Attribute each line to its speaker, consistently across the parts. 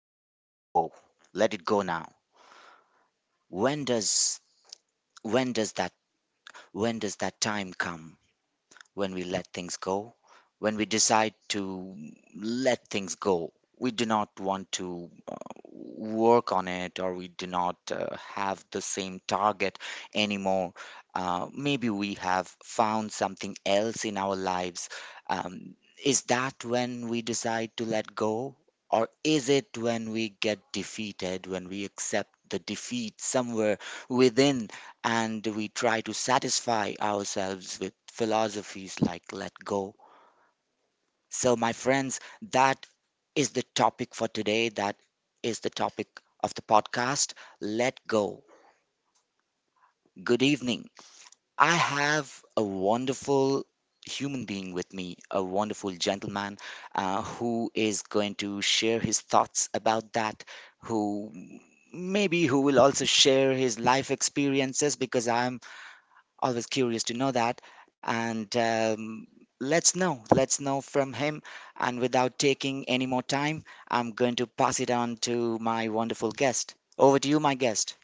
Speaker 1: Let it go. Let it go now. When does when does that when does that time come? When we let things go, when we decide to let things go, We do not want to work on it, or we do not have the same target anymore. Maybe we have found something else in our lives. Um, is that when we decide to let go? Or is it when we get defeated, when we accept the defeat somewhere within, and we try to satisfy ourselves with philosophies like let go. So, my friends, that is the topic for today. That is the topic of the podcast, let go. Good evening. I have a wonderful human being with me, a wonderful gentleman who is going to share his thoughts about that, who who will also share his life experiences, because I'm always curious to know that. And um, let's know let's know from him, and without taking any more time, I'm going to pass it on to my wonderful guest. Over to you, my guest.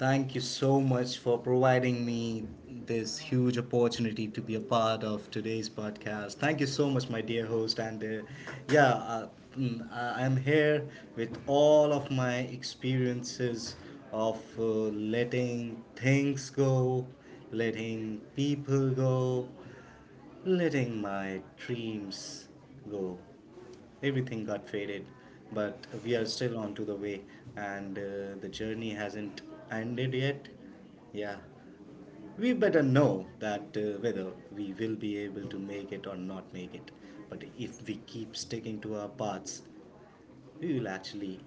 Speaker 2: Thank you so much for providing me this huge opportunity to be a part of today's podcast. Thank you so much, my dear host. Yeah, uh, I am here with all of my experiences of letting things go, letting people go, letting my dreams go. Everything got faded, but we are still on to the way, and the journey hasn't ended yet. Yeah, we better know that whether we will be able to make it or not make it. But if we keep sticking to our paths, we will actually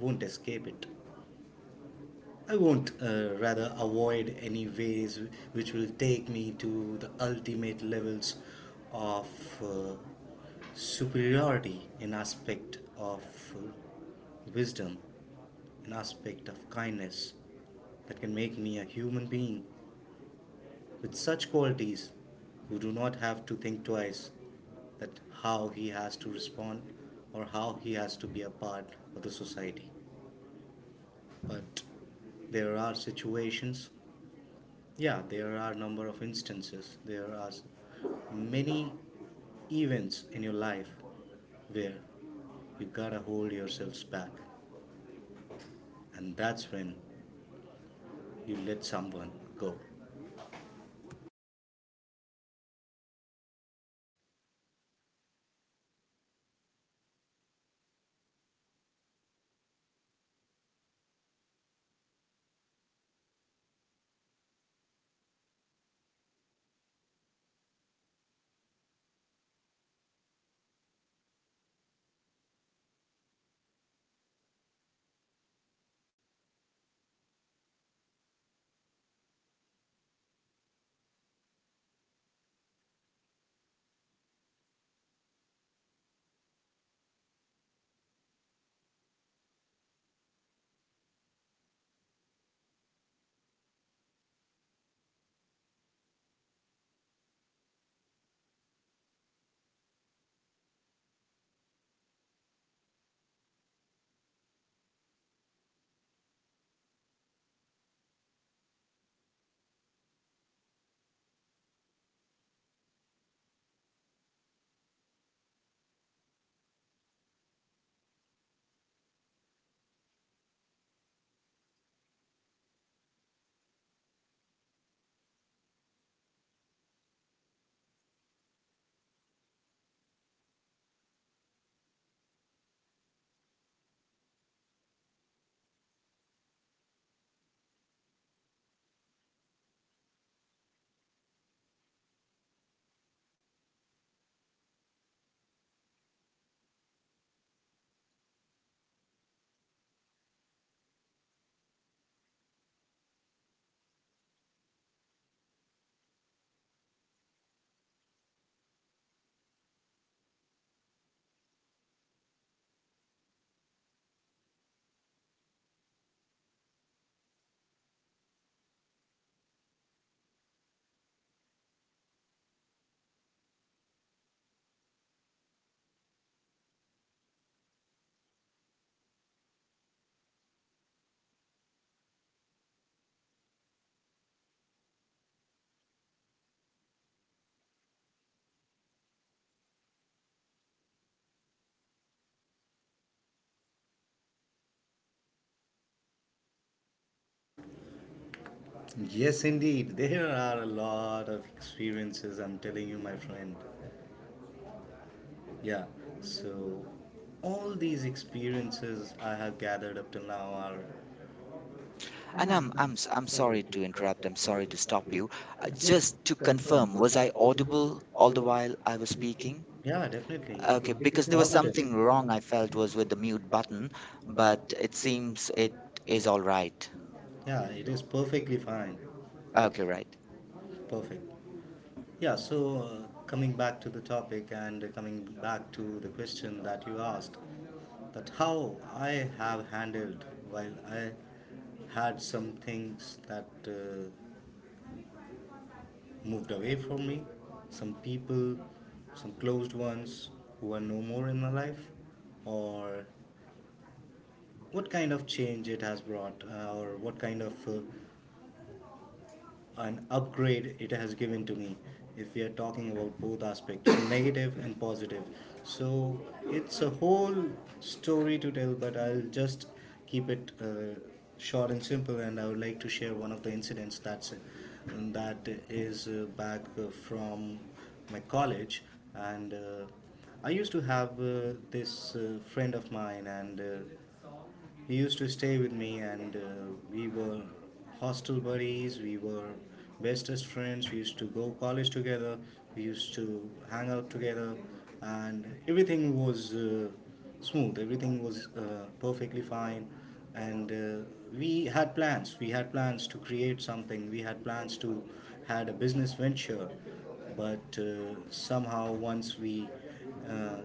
Speaker 2: won't escape it. I won't, rather, avoid any ways which will take me to the ultimate levels of uh, superiority in aspect of uh, wisdom, in aspect of kindness that can make me a human being with such qualities who do not have to think twice that how he has to respond or how he has to be a part of the society. But there are situations. Yeah, there are number of instances. There are many events in your life where you gotta hold yourselves back, and that's when you let someone go. Yes, indeed, there are a lot of experiences. I'm telling you, my friend. Yeah, so all these experiences I have gathered up till now are— And
Speaker 1: and
Speaker 2: I'm,
Speaker 1: i'm i'm
Speaker 2: I'm
Speaker 1: s-
Speaker 2: so
Speaker 1: i'm
Speaker 2: sorry
Speaker 1: sorry
Speaker 2: to
Speaker 1: to
Speaker 2: interrupt,
Speaker 1: interrupt, I'm
Speaker 2: I'm sorry
Speaker 1: sorry
Speaker 2: to
Speaker 1: to
Speaker 2: stop
Speaker 1: stop
Speaker 2: you.
Speaker 1: you.
Speaker 2: I
Speaker 1: Uh,
Speaker 2: just
Speaker 1: just to
Speaker 2: confirm,
Speaker 1: confirm,
Speaker 2: was
Speaker 1: was
Speaker 2: I
Speaker 1: I
Speaker 2: audible
Speaker 1: audible
Speaker 2: all
Speaker 1: all
Speaker 2: the
Speaker 1: the
Speaker 2: while
Speaker 1: while I
Speaker 2: I was
Speaker 1: was
Speaker 2: speaking?
Speaker 1: speaking?
Speaker 2: Yeah, definitely.
Speaker 1: Okay,
Speaker 2: Okay, because
Speaker 1: because
Speaker 2: there
Speaker 1: there was
Speaker 2: was— Positive.
Speaker 1: something
Speaker 2: Something
Speaker 1: wrong,
Speaker 2: wrong,
Speaker 1: I
Speaker 2: I
Speaker 1: felt,
Speaker 2: feel like was
Speaker 1: was with the
Speaker 2: in the
Speaker 1: mute
Speaker 2: button,
Speaker 1: button, but
Speaker 2: but
Speaker 1: it
Speaker 2: it seems
Speaker 1: seems it
Speaker 2: it is.
Speaker 1: is all right.
Speaker 2: Yeah, it is perfectly fine. Okay.
Speaker 1: Okay. Right,
Speaker 2: Perfect. Yeah, so coming back to the topic and coming back to the question that you asked, that how I have handled while I had some things that moved away from me, some people, some closed ones who are no more in my life, or what kind of change it has brought, or what kind of an upgrade it has given to me if we are talking about both aspects, negative and positive. So it's a whole story to tell, but I'll just keep it short and simple, and I would like to share one of the incidents that is back from my college. And I used to have this friend of mine, and he used to stay with me, and we were hostel buddies. We were bestest friends. We used to go college together. We used to hang out together, and everything was smooth. Everything was perfectly fine, and we had plans. We had plans to create something. We had plans to had a business venture, but somehow once we uh,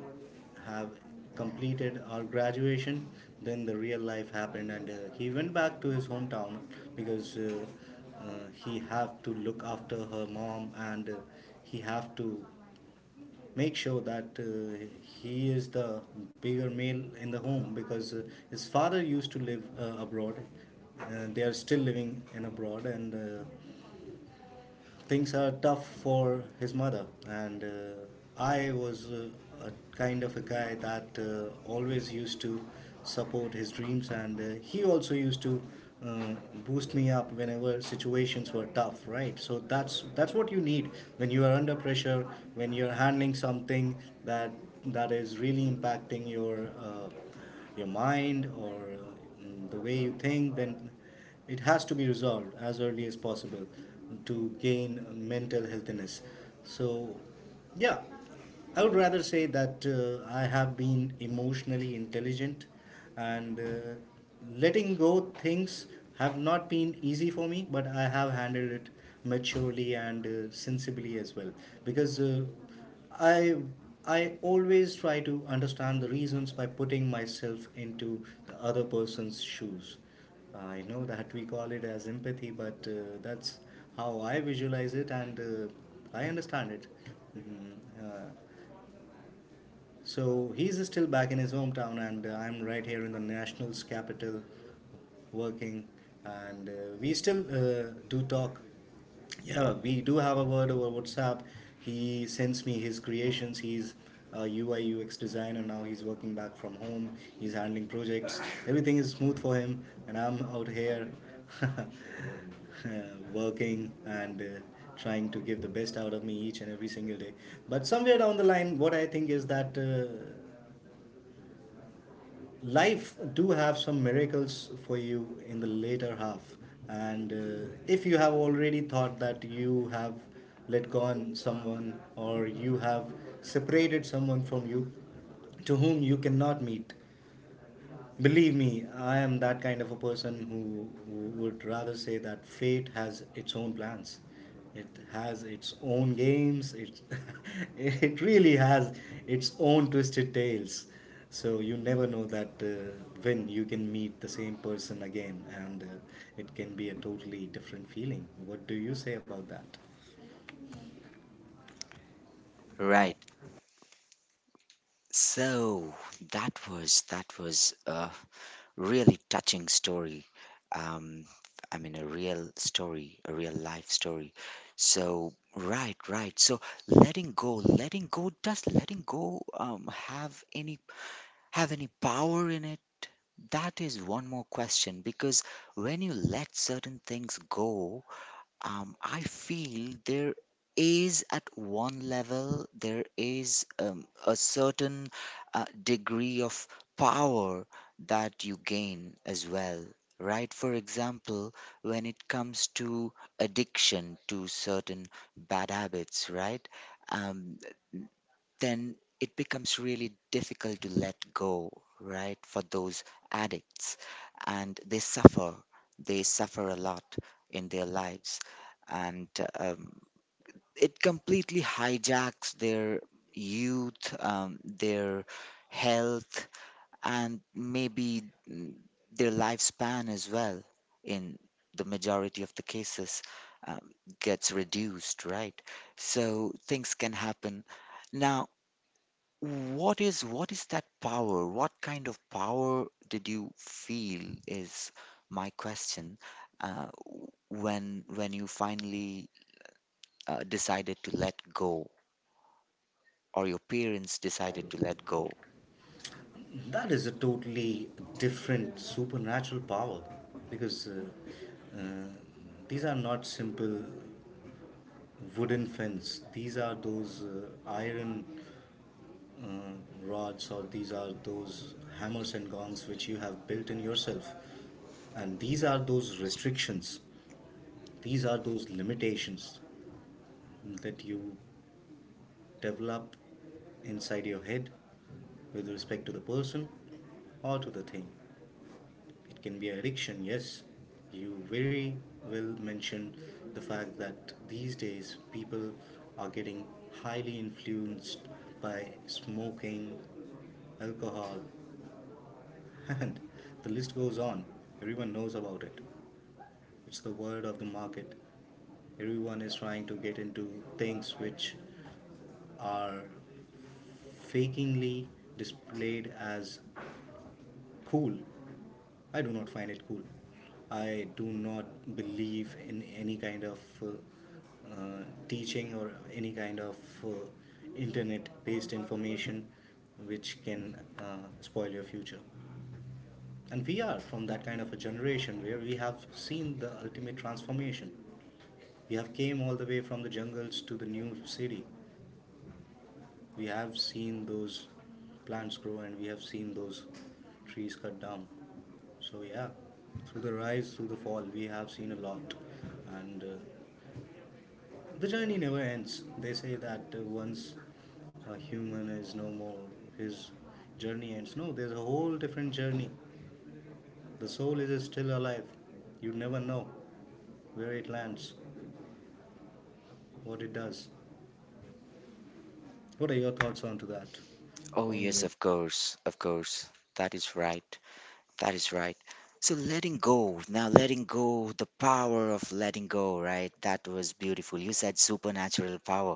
Speaker 2: have completed our graduation, then the real life happened, and he went back to his hometown because uh, he have to look after her mom, and he have to make sure that he is the bigger male in the home because his father used to live abroad. They are still living in abroad, and things are tough for his mother. And I was a kind of a guy that always used to support his dreams, and he also used to uh, boost me up whenever situations were tough. Right, so that's what you need when you are under pressure, when you're handling something that is really impacting your mind or the way you think, then it has to be resolved as early as possible to gain mental healthiness. So, yeah, I would rather say that I have been emotionally intelligent, and letting go things have not been easy for me, but I have handled it maturely and sensibly as well. Because I I always try to understand the reasons by putting myself into the other person's shoes. I know that we call it as empathy, but that's how I visualize it, and I understand it. Mhm. Uh, so he's still back in his hometown, and I'm right here in the national's capital working. And we still do talk. Yeah, we do have a word over WhatsApp. He sends me his creations. He's a UI UX designer now. He's working back from home. He's handling projects. Everything is smooth for him, and I'm out here uh, working and trying to give the best out of me each and every single day. But somewhere down the line, what I think is that life do have some miracles for you in the later half. And if you have already thought that you have let go on someone or you have separated someone from you, to whom you cannot meet. Believe me, I am that kind of a person who would rather say that fate has its own plans. It has its own games. It, it really has its own twisted tales. So you never know that when you can meet the same person again, and it can be a totally different feeling. What do you say about that? Right.
Speaker 1: right. So that was a really touching story. Um, I mean, a real story, a real life story. So right, right. So letting go, letting go. Does letting go have any power in it? That is one more question, because when you let certain things go, I feel there is, at one level, there is a certain degree of power that you gain as well, right? For example, when it comes to addiction to certain bad habits, right? Um, then it becomes really difficult to let go, right? For those addicts, and they suffer a lot in their lives, and um, it completely hijacks their youth, their health, and maybe mm, their lifespan as well. In the majority of the cases, um, gets reduced, right? So things can happen. Now, what is that power? What kind of power did you feel is my question, uh, when you finally decided to let go, or your parents decided to let go?
Speaker 2: That is a totally different supernatural power because uh, these are not simple wooden fence. These are those iron uh, rods, or these are those hammers and gongs which you have built in yourself. And these are those restrictions. These are those limitations that you develop inside your head with respect to the person or to the thing. It can be addiction, yes. You very well mentioned the fact that these days people are getting highly influenced by smoking, alcohol, and the list goes on. Everyone knows about it. It's the word of the market. Everyone is trying to get into things which are fakingly displayed as cool. I do not find it cool. I do not believe in any kind of teaching or any kind of uh, internet based information which can spoil your future. And we are from that kind of a generation where we have seen the ultimate transformation. We have came all the way from the jungles to the new city. We have seen those plants grow, and we have seen those trees cut down. So, yeah, through the rise, through the fall, we have seen a lot. And the journey never ends. They say that once a human is no more, his journey ends. No, there's a whole different journey. The soul is still alive. You never know where it lands, what it does. What are your thoughts on to that?
Speaker 1: Oh
Speaker 2: Oh
Speaker 1: yes,
Speaker 2: yes,
Speaker 1: of course, of course. That is right. That is right. So letting go, now letting go, the power of letting go, right? That was beautiful. You said supernatural power.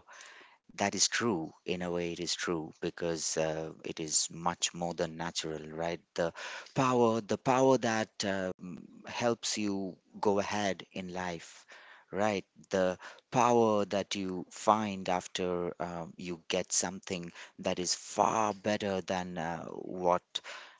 Speaker 1: That is true. In a way, it is true, because it is much more than natural, right? The power that helps you go ahead in life, right? The power that you find after you get something that is far better than what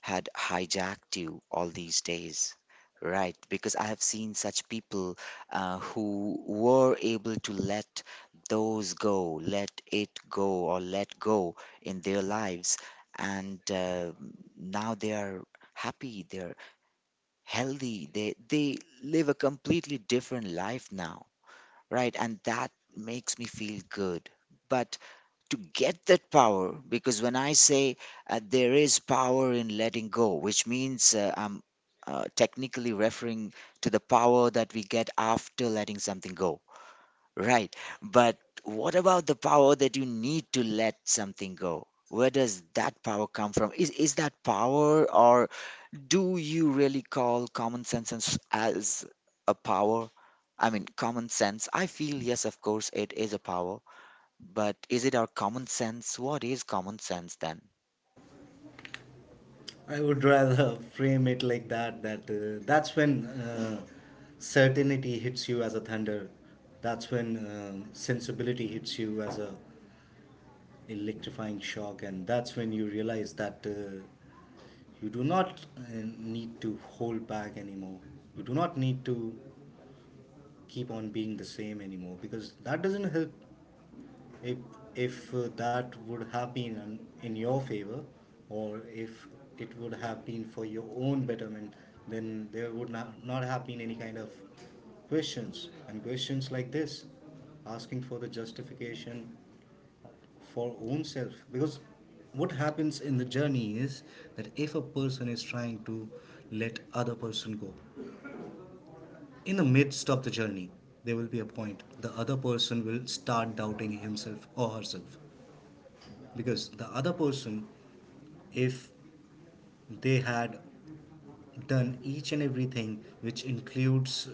Speaker 1: had hijacked you all these days. Right, because I have seen such people who were able to let those go, let it go, or let go in their lives. And now they are happy, they're healthy, they live a completely different life now, right? And that makes me feel good. But to get that power, because when I say there is power in letting go, which means I'm technically referring to the power that we get after letting something go. Right. But what about the power that you need to let something go? Where does that power come from? Is that power, or do you really call common sense as a power? I mean, common sense. I feel yes, of course it is a power, but is it our common sense? What is common sense then?
Speaker 2: I would rather frame it like that, that that's when certainty hits you as a thunder. That's when sensibility hits you as a electrifying shock, and that's when you realize that you do not need to hold back anymore. You do not need to keep on being the same anymore because that doesn't help. If if uh, that would have been in your favor, or if it would have been for your own betterment, then there would not have been any kind of questions, and questions like this asking for the justification for own self. Because what happens in the journey is that if a person is trying to let other person go in the midst of the journey, there will be a point the other person will start doubting himself or herself. Because the other person, if they had done each and everything which includes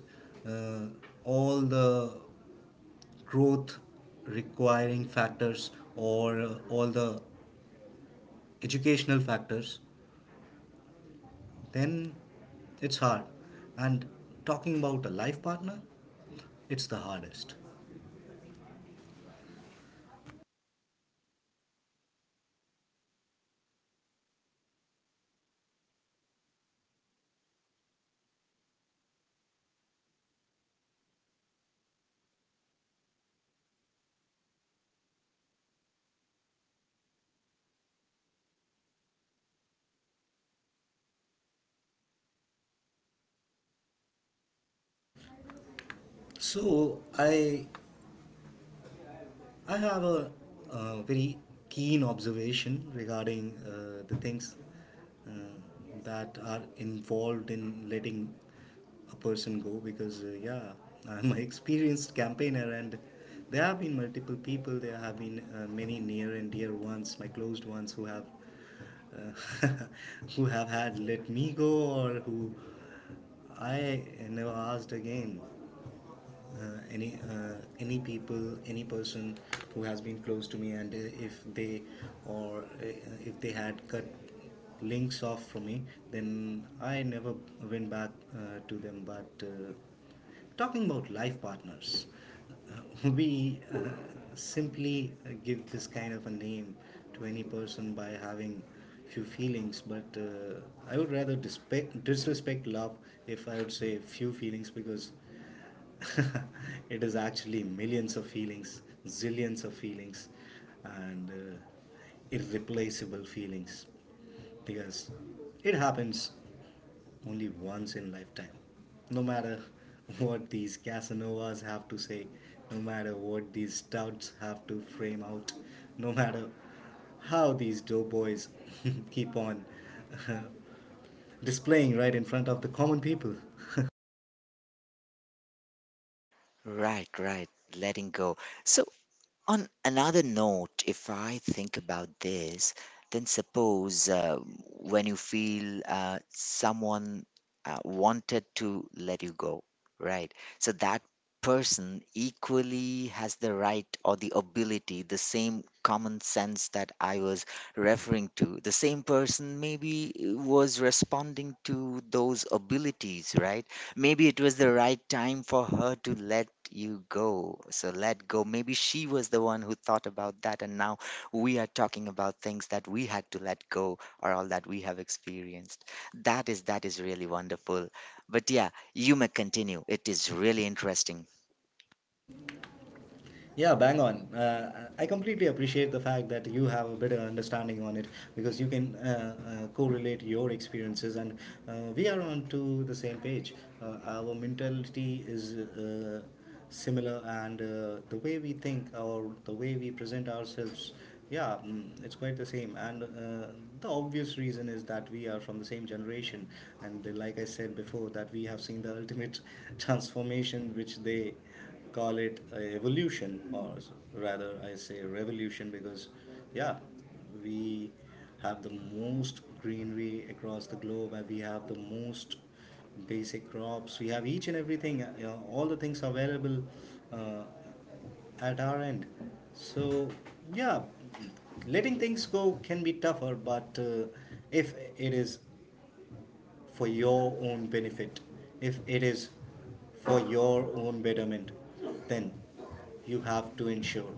Speaker 2: uh, all the growth requiring factors, or all the educational factors, then it's hard. And talking about a life partner, it's the hardest. So i I have a very keen observation regarding the things uh, that are involved in letting a person go because, yeah, I'm an experienced campaigner. And there have been multiple people, there have been many near and dear ones, my closed ones who have. Uh, who have had let me go, or who I never asked again any person who has been close to me. And if they, or if they had cut links off from me, then I never went back to them. But talking about life partners, we simply give this kind of a name to any person by having few feelings. But I would rather disrespect love if I would say few feelings, because it is actually millions of feelings, zillions of feelings, and irreplaceable feelings. Because it happens only once in lifetime. No matter what these Casanovas have to say, no matter what these stouts have to frame out, no matter how these doughboys keep on displaying right in front of the common people.
Speaker 1: Right, right. Letting go. So, on another note, if I think about this, then suppose when you feel someone wanted to let you go, right? So that person equally has the right or the ability, the same common sense that I was referring to. The same person maybe was responding to those abilities, right? Maybe it was the right time for her to let you go. So let go. Maybe she was the one who thought about that. And now we are talking about things that we had to let go or all that we have experienced. That is really wonderful. But yeah, you may continue. It is really interesting.
Speaker 2: Yeah, bang on. I completely appreciate the fact that you have a better understanding on it because you can correlate your experiences, and we are on to the same page. Our mentality is similar, and the way we think or the way we present ourselves, yeah, mm, it's quite the same. And the obvious reason is that we are from the same generation, and like I said before, that we have seen the ultimate transformation which they call it a evolution, or rather, I say revolution, because yeah, we have the most greenery across the globe, and we have the most basic crops. We have each and everything. You know, all the things available uh, at our end. So, yeah, letting things go can be tougher, but if it is for your own benefit, if it is for your own betterment, then you have to ensure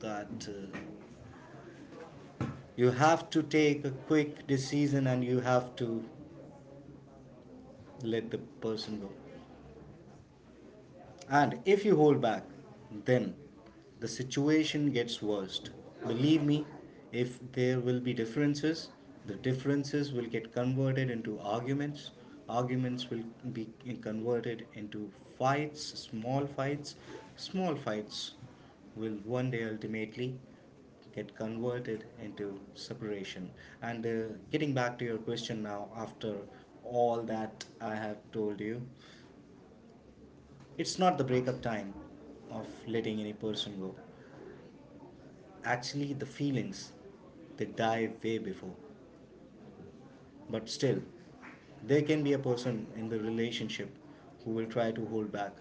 Speaker 2: that you have to take a quick decision and you have to let the person go. And if you hold back, then the situation gets worst. Believe me, if there will be differences, the differences will get converted into arguments. Arguments will be converted into fights, small fights. Small fights will one day ultimately get converted into separation. And getting back to your question now, after all that I have told you, it's not the breakup time of letting any person go. Actually, the feelings, they die way before. But still, there can be a person in the relationship who will try to hold back,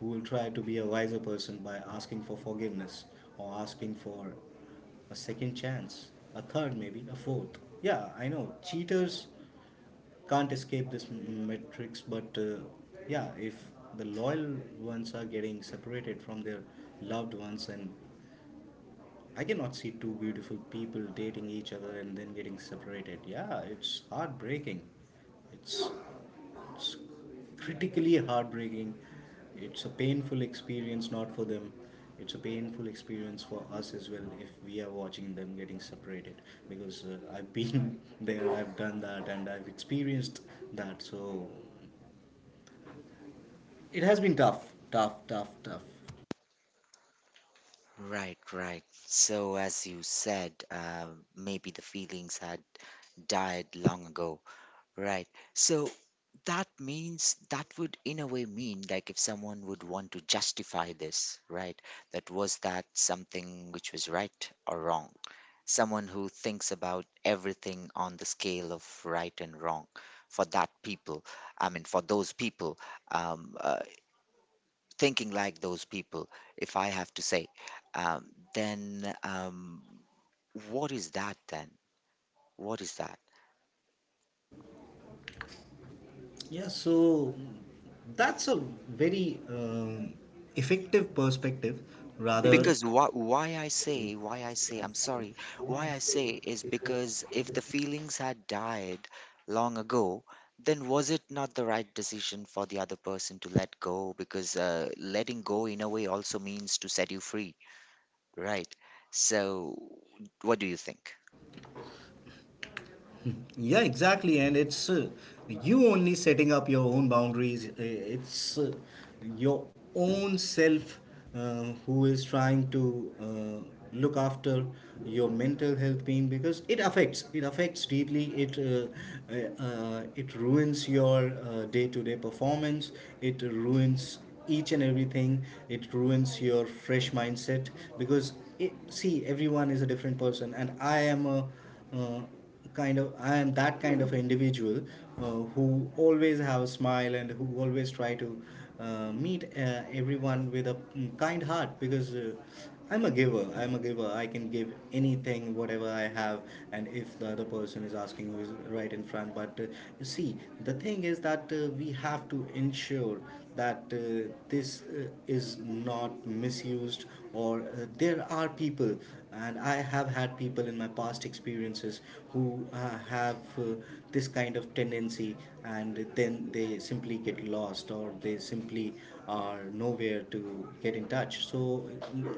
Speaker 2: who will try to be a wiser person by asking for forgiveness or asking for a second chance, a third, maybe a fourth. Yeah, I know. Cheaters can't escape this matrix but yeah if the loyal ones are getting separated from their loved ones and I cannot see two beautiful people dating each other and then getting separated. Yeah, it's heartbreaking. It's, it's critically heartbreaking. It's a painful experience, not for them. It's a painful experience for us as well if we are watching them getting separated. Because I've been there, I've done that, and I've experienced that. So it has been tough, tough, tough, tough.
Speaker 1: Right, right. So as you said, maybe the feelings had died long ago. Right. So that means that would, in a way, mean, like, if someone would want to justify this, right? That was that something which was right or wrong? Someone who thinks about everything on the scale of right and wrong for that people, I mean, for those people, um, uh, thinking like those people, if I have to say, um, then what is that then? What is that?
Speaker 2: Yeah, so that's a very effective perspective rather.
Speaker 1: Because why I say, I'm sorry, why I say is because if the feelings had died long ago, then was it not the right decision for the other person to let go? Because letting go, in a way, also means to set you free, right? So, what do you think?
Speaker 2: Yeah, exactly. And it's you only setting up your own boundaries. It's your own self who is trying to look after your mental health being because it affects deeply it it ruins your day-to-day performance, it ruins each and everything, it ruins your fresh mindset because it, see everyone is a different person and uh, I am that kind of individual who always have a smile and who always try to meet everyone with a mm, kind heart because I'm a giver. I'm a giver. I can give anything, whatever I have, and if the other person is asking, who is right in front. But you see, the thing is that we have to ensure that this is not misused, or there are people and I have had people in my past experiences who have this kind of tendency and then they simply get lost or they simply are nowhere to get in touch so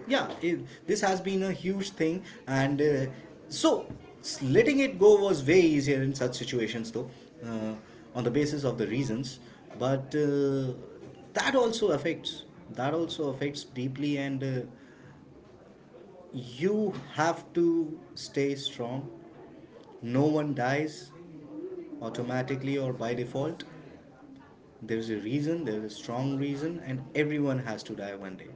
Speaker 2: yeah, this has been a huge thing and so letting it go was way easier in such situations though uh, on the basis of the reasons but that also affects that also affects deeply and you have to stay strong. No one dies automatically or by default. There's a reason, there's a strong reason, and everyone has to die one day.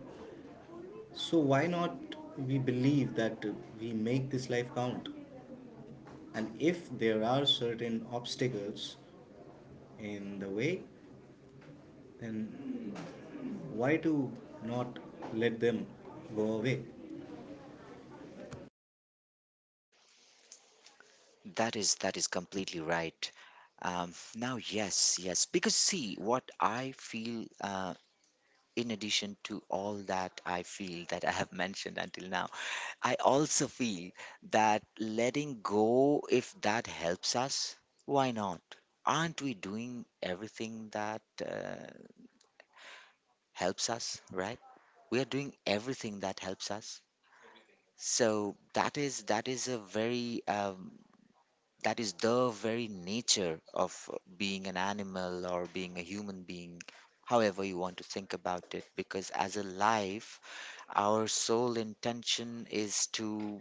Speaker 2: So, why not we believe that we make this life count? And if there are certain obstacles in the way, then why to not let them go away?
Speaker 1: That is completely right. Now, yes, yes, because see, what I feel in addition to all that I feel that I have mentioned until now, I also feel that letting go, if that helps us, why not? Aren't we doing everything that helps us, right? We are doing everything that helps us. So that is a very that is the very nature of being an animal or being a human being, however you want to think about it. Because as a life, our sole intention is to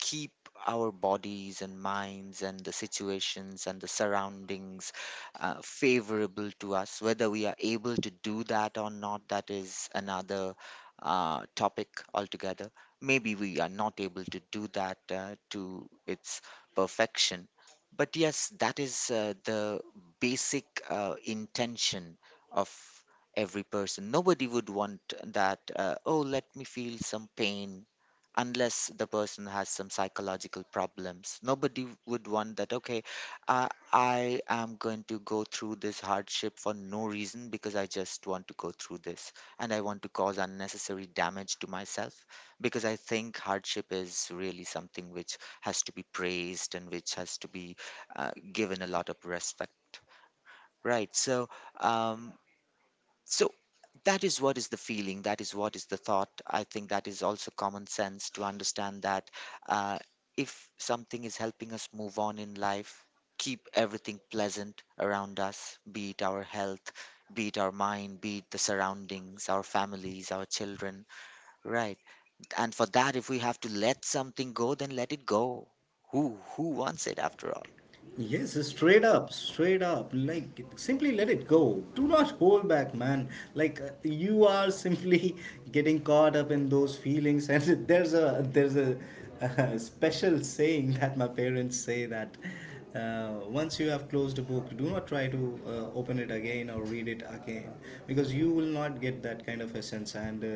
Speaker 1: keep our bodies and minds and the situations and the surroundings favorable to us. Whether we are able to do that or not, that is another topic altogether. Maybe we are not able to do that to its perfection. But yes, that is the basic intention of every person. Nobody would want that, oh, let me feel some pain, unless the person has some psychological problems. Nobody would want that, okay, I am going to go through this hardship for no reason because I just want to go through this, and I want to cause unnecessary damage to myself because I think hardship is really something which has to be praised and which has to be given a lot of respect. Right. So, um, so that is what is the feeling. That is what is the thought. I think that is also common sense to understand that uh, if something is helping us move on in life, keep everything pleasant around us, be it our health, be it our mind, be it the surroundings, our families, our children. Right. And for that, if we have to let something go, then let it go. Who wants it after all?
Speaker 2: Yes, straight up, straight up. Like, simply let it go. Do not hold back, man. Like, you are simply getting caught up in those feelings. And there's a special saying that my parents say that once you have closed a book, do not try to open it again or read it again because you will not get that kind of essence. And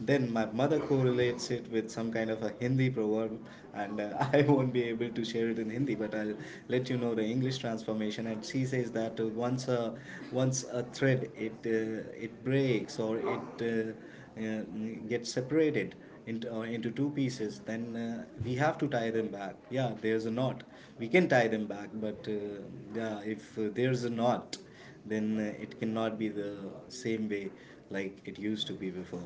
Speaker 2: then my mother correlates it with some kind of a Hindi proverb, and I won't be able to share it in Hindi, but I'll let you know the English transformation. And she says that once a thread it breaks or it gets separated into two pieces, then we have to tie them back. Yeah, there's a knot. We can tie them back, but yeah, if there's a knot, then it cannot be the same way like it used to be before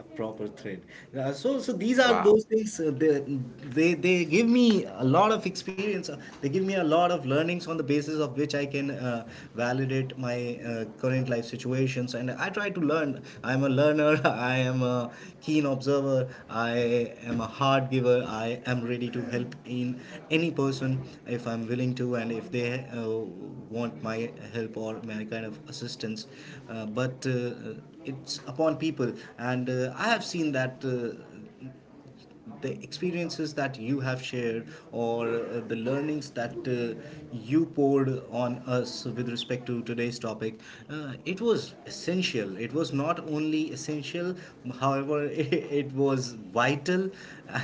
Speaker 2: a proper thread. So these are, yeah, those things they give me a lot of experience. They give me a lot of learnings on the basis of which I can validate my uh, current life situations and I try to learn, I'm a learner, I am a keen observer, I am a hard giver, I am ready to help in any person if I'm willing to and if they want my help or my kind of assistance. But it's upon people, and I have seen that. The experiences that you have shared or the learnings that you poured on us with respect to today's topic, it was not only essential however it was vital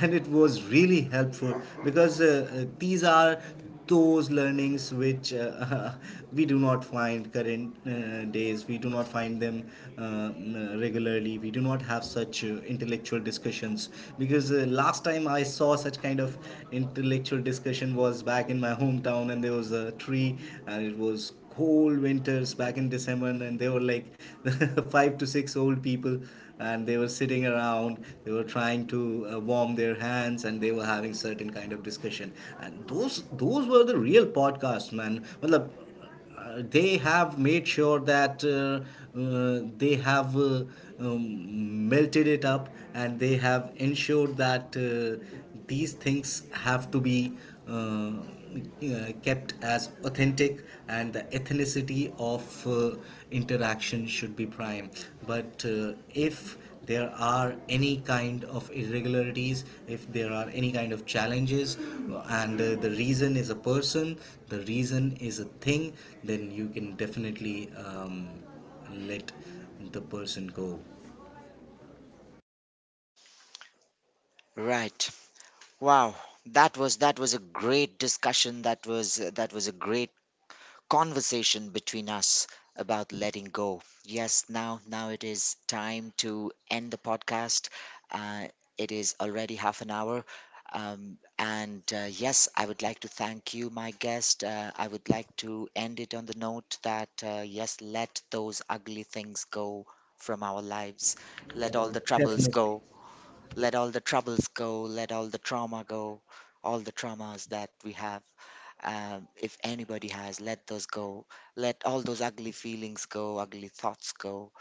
Speaker 2: and it was really helpful because these are those learnings which we do not find, current days we do not find them uh, regularly, we do not have such intellectual discussions because last time I saw such kind of intellectual discussion was back in my hometown and there was a tree and it was cold winters back in December, and they were like five to six old people, and they were sitting around. They were trying to warm their hands, and they were having certain kind of discussion. And those were the real podcasts, man. Matlab, they have made sure that they have melted it up and they have ensured that these things have to be uh, kept as authentic and the ethnicity of interaction should be prime but if there are any kind of irregularities, if there are any kind of challenges, and the reason is a person, the reason is a thing, then you can definitely let the person go.
Speaker 1: Right. Wow. That was a great discussion. That was a great conversation between us about letting go. Yes, now it is time to end the podcast. Uh, it is already half an hour. And Yes, I would like to thank you, my guest. I would like to end it on the note that yes, let those ugly things go from our lives. Let all the troubles
Speaker 2: Definitely.
Speaker 1: go. Let all the troubles go. Let all the trauma go. All the traumas that we have, if anybody has, let those go. Let all those ugly feelings go, ugly thoughts go,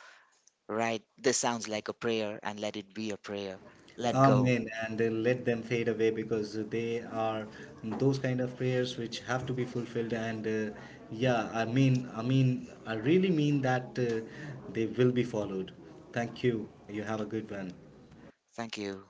Speaker 1: right? This sounds like a prayer, and let it be a prayer.
Speaker 2: Let them.
Speaker 1: Let go.
Speaker 2: Amen. And let them fade away because they are those kind of prayers which have to be fulfilled. And yeah, I mean, I really mean that they will be followed. Thank you. You have a good one.
Speaker 1: Thank you.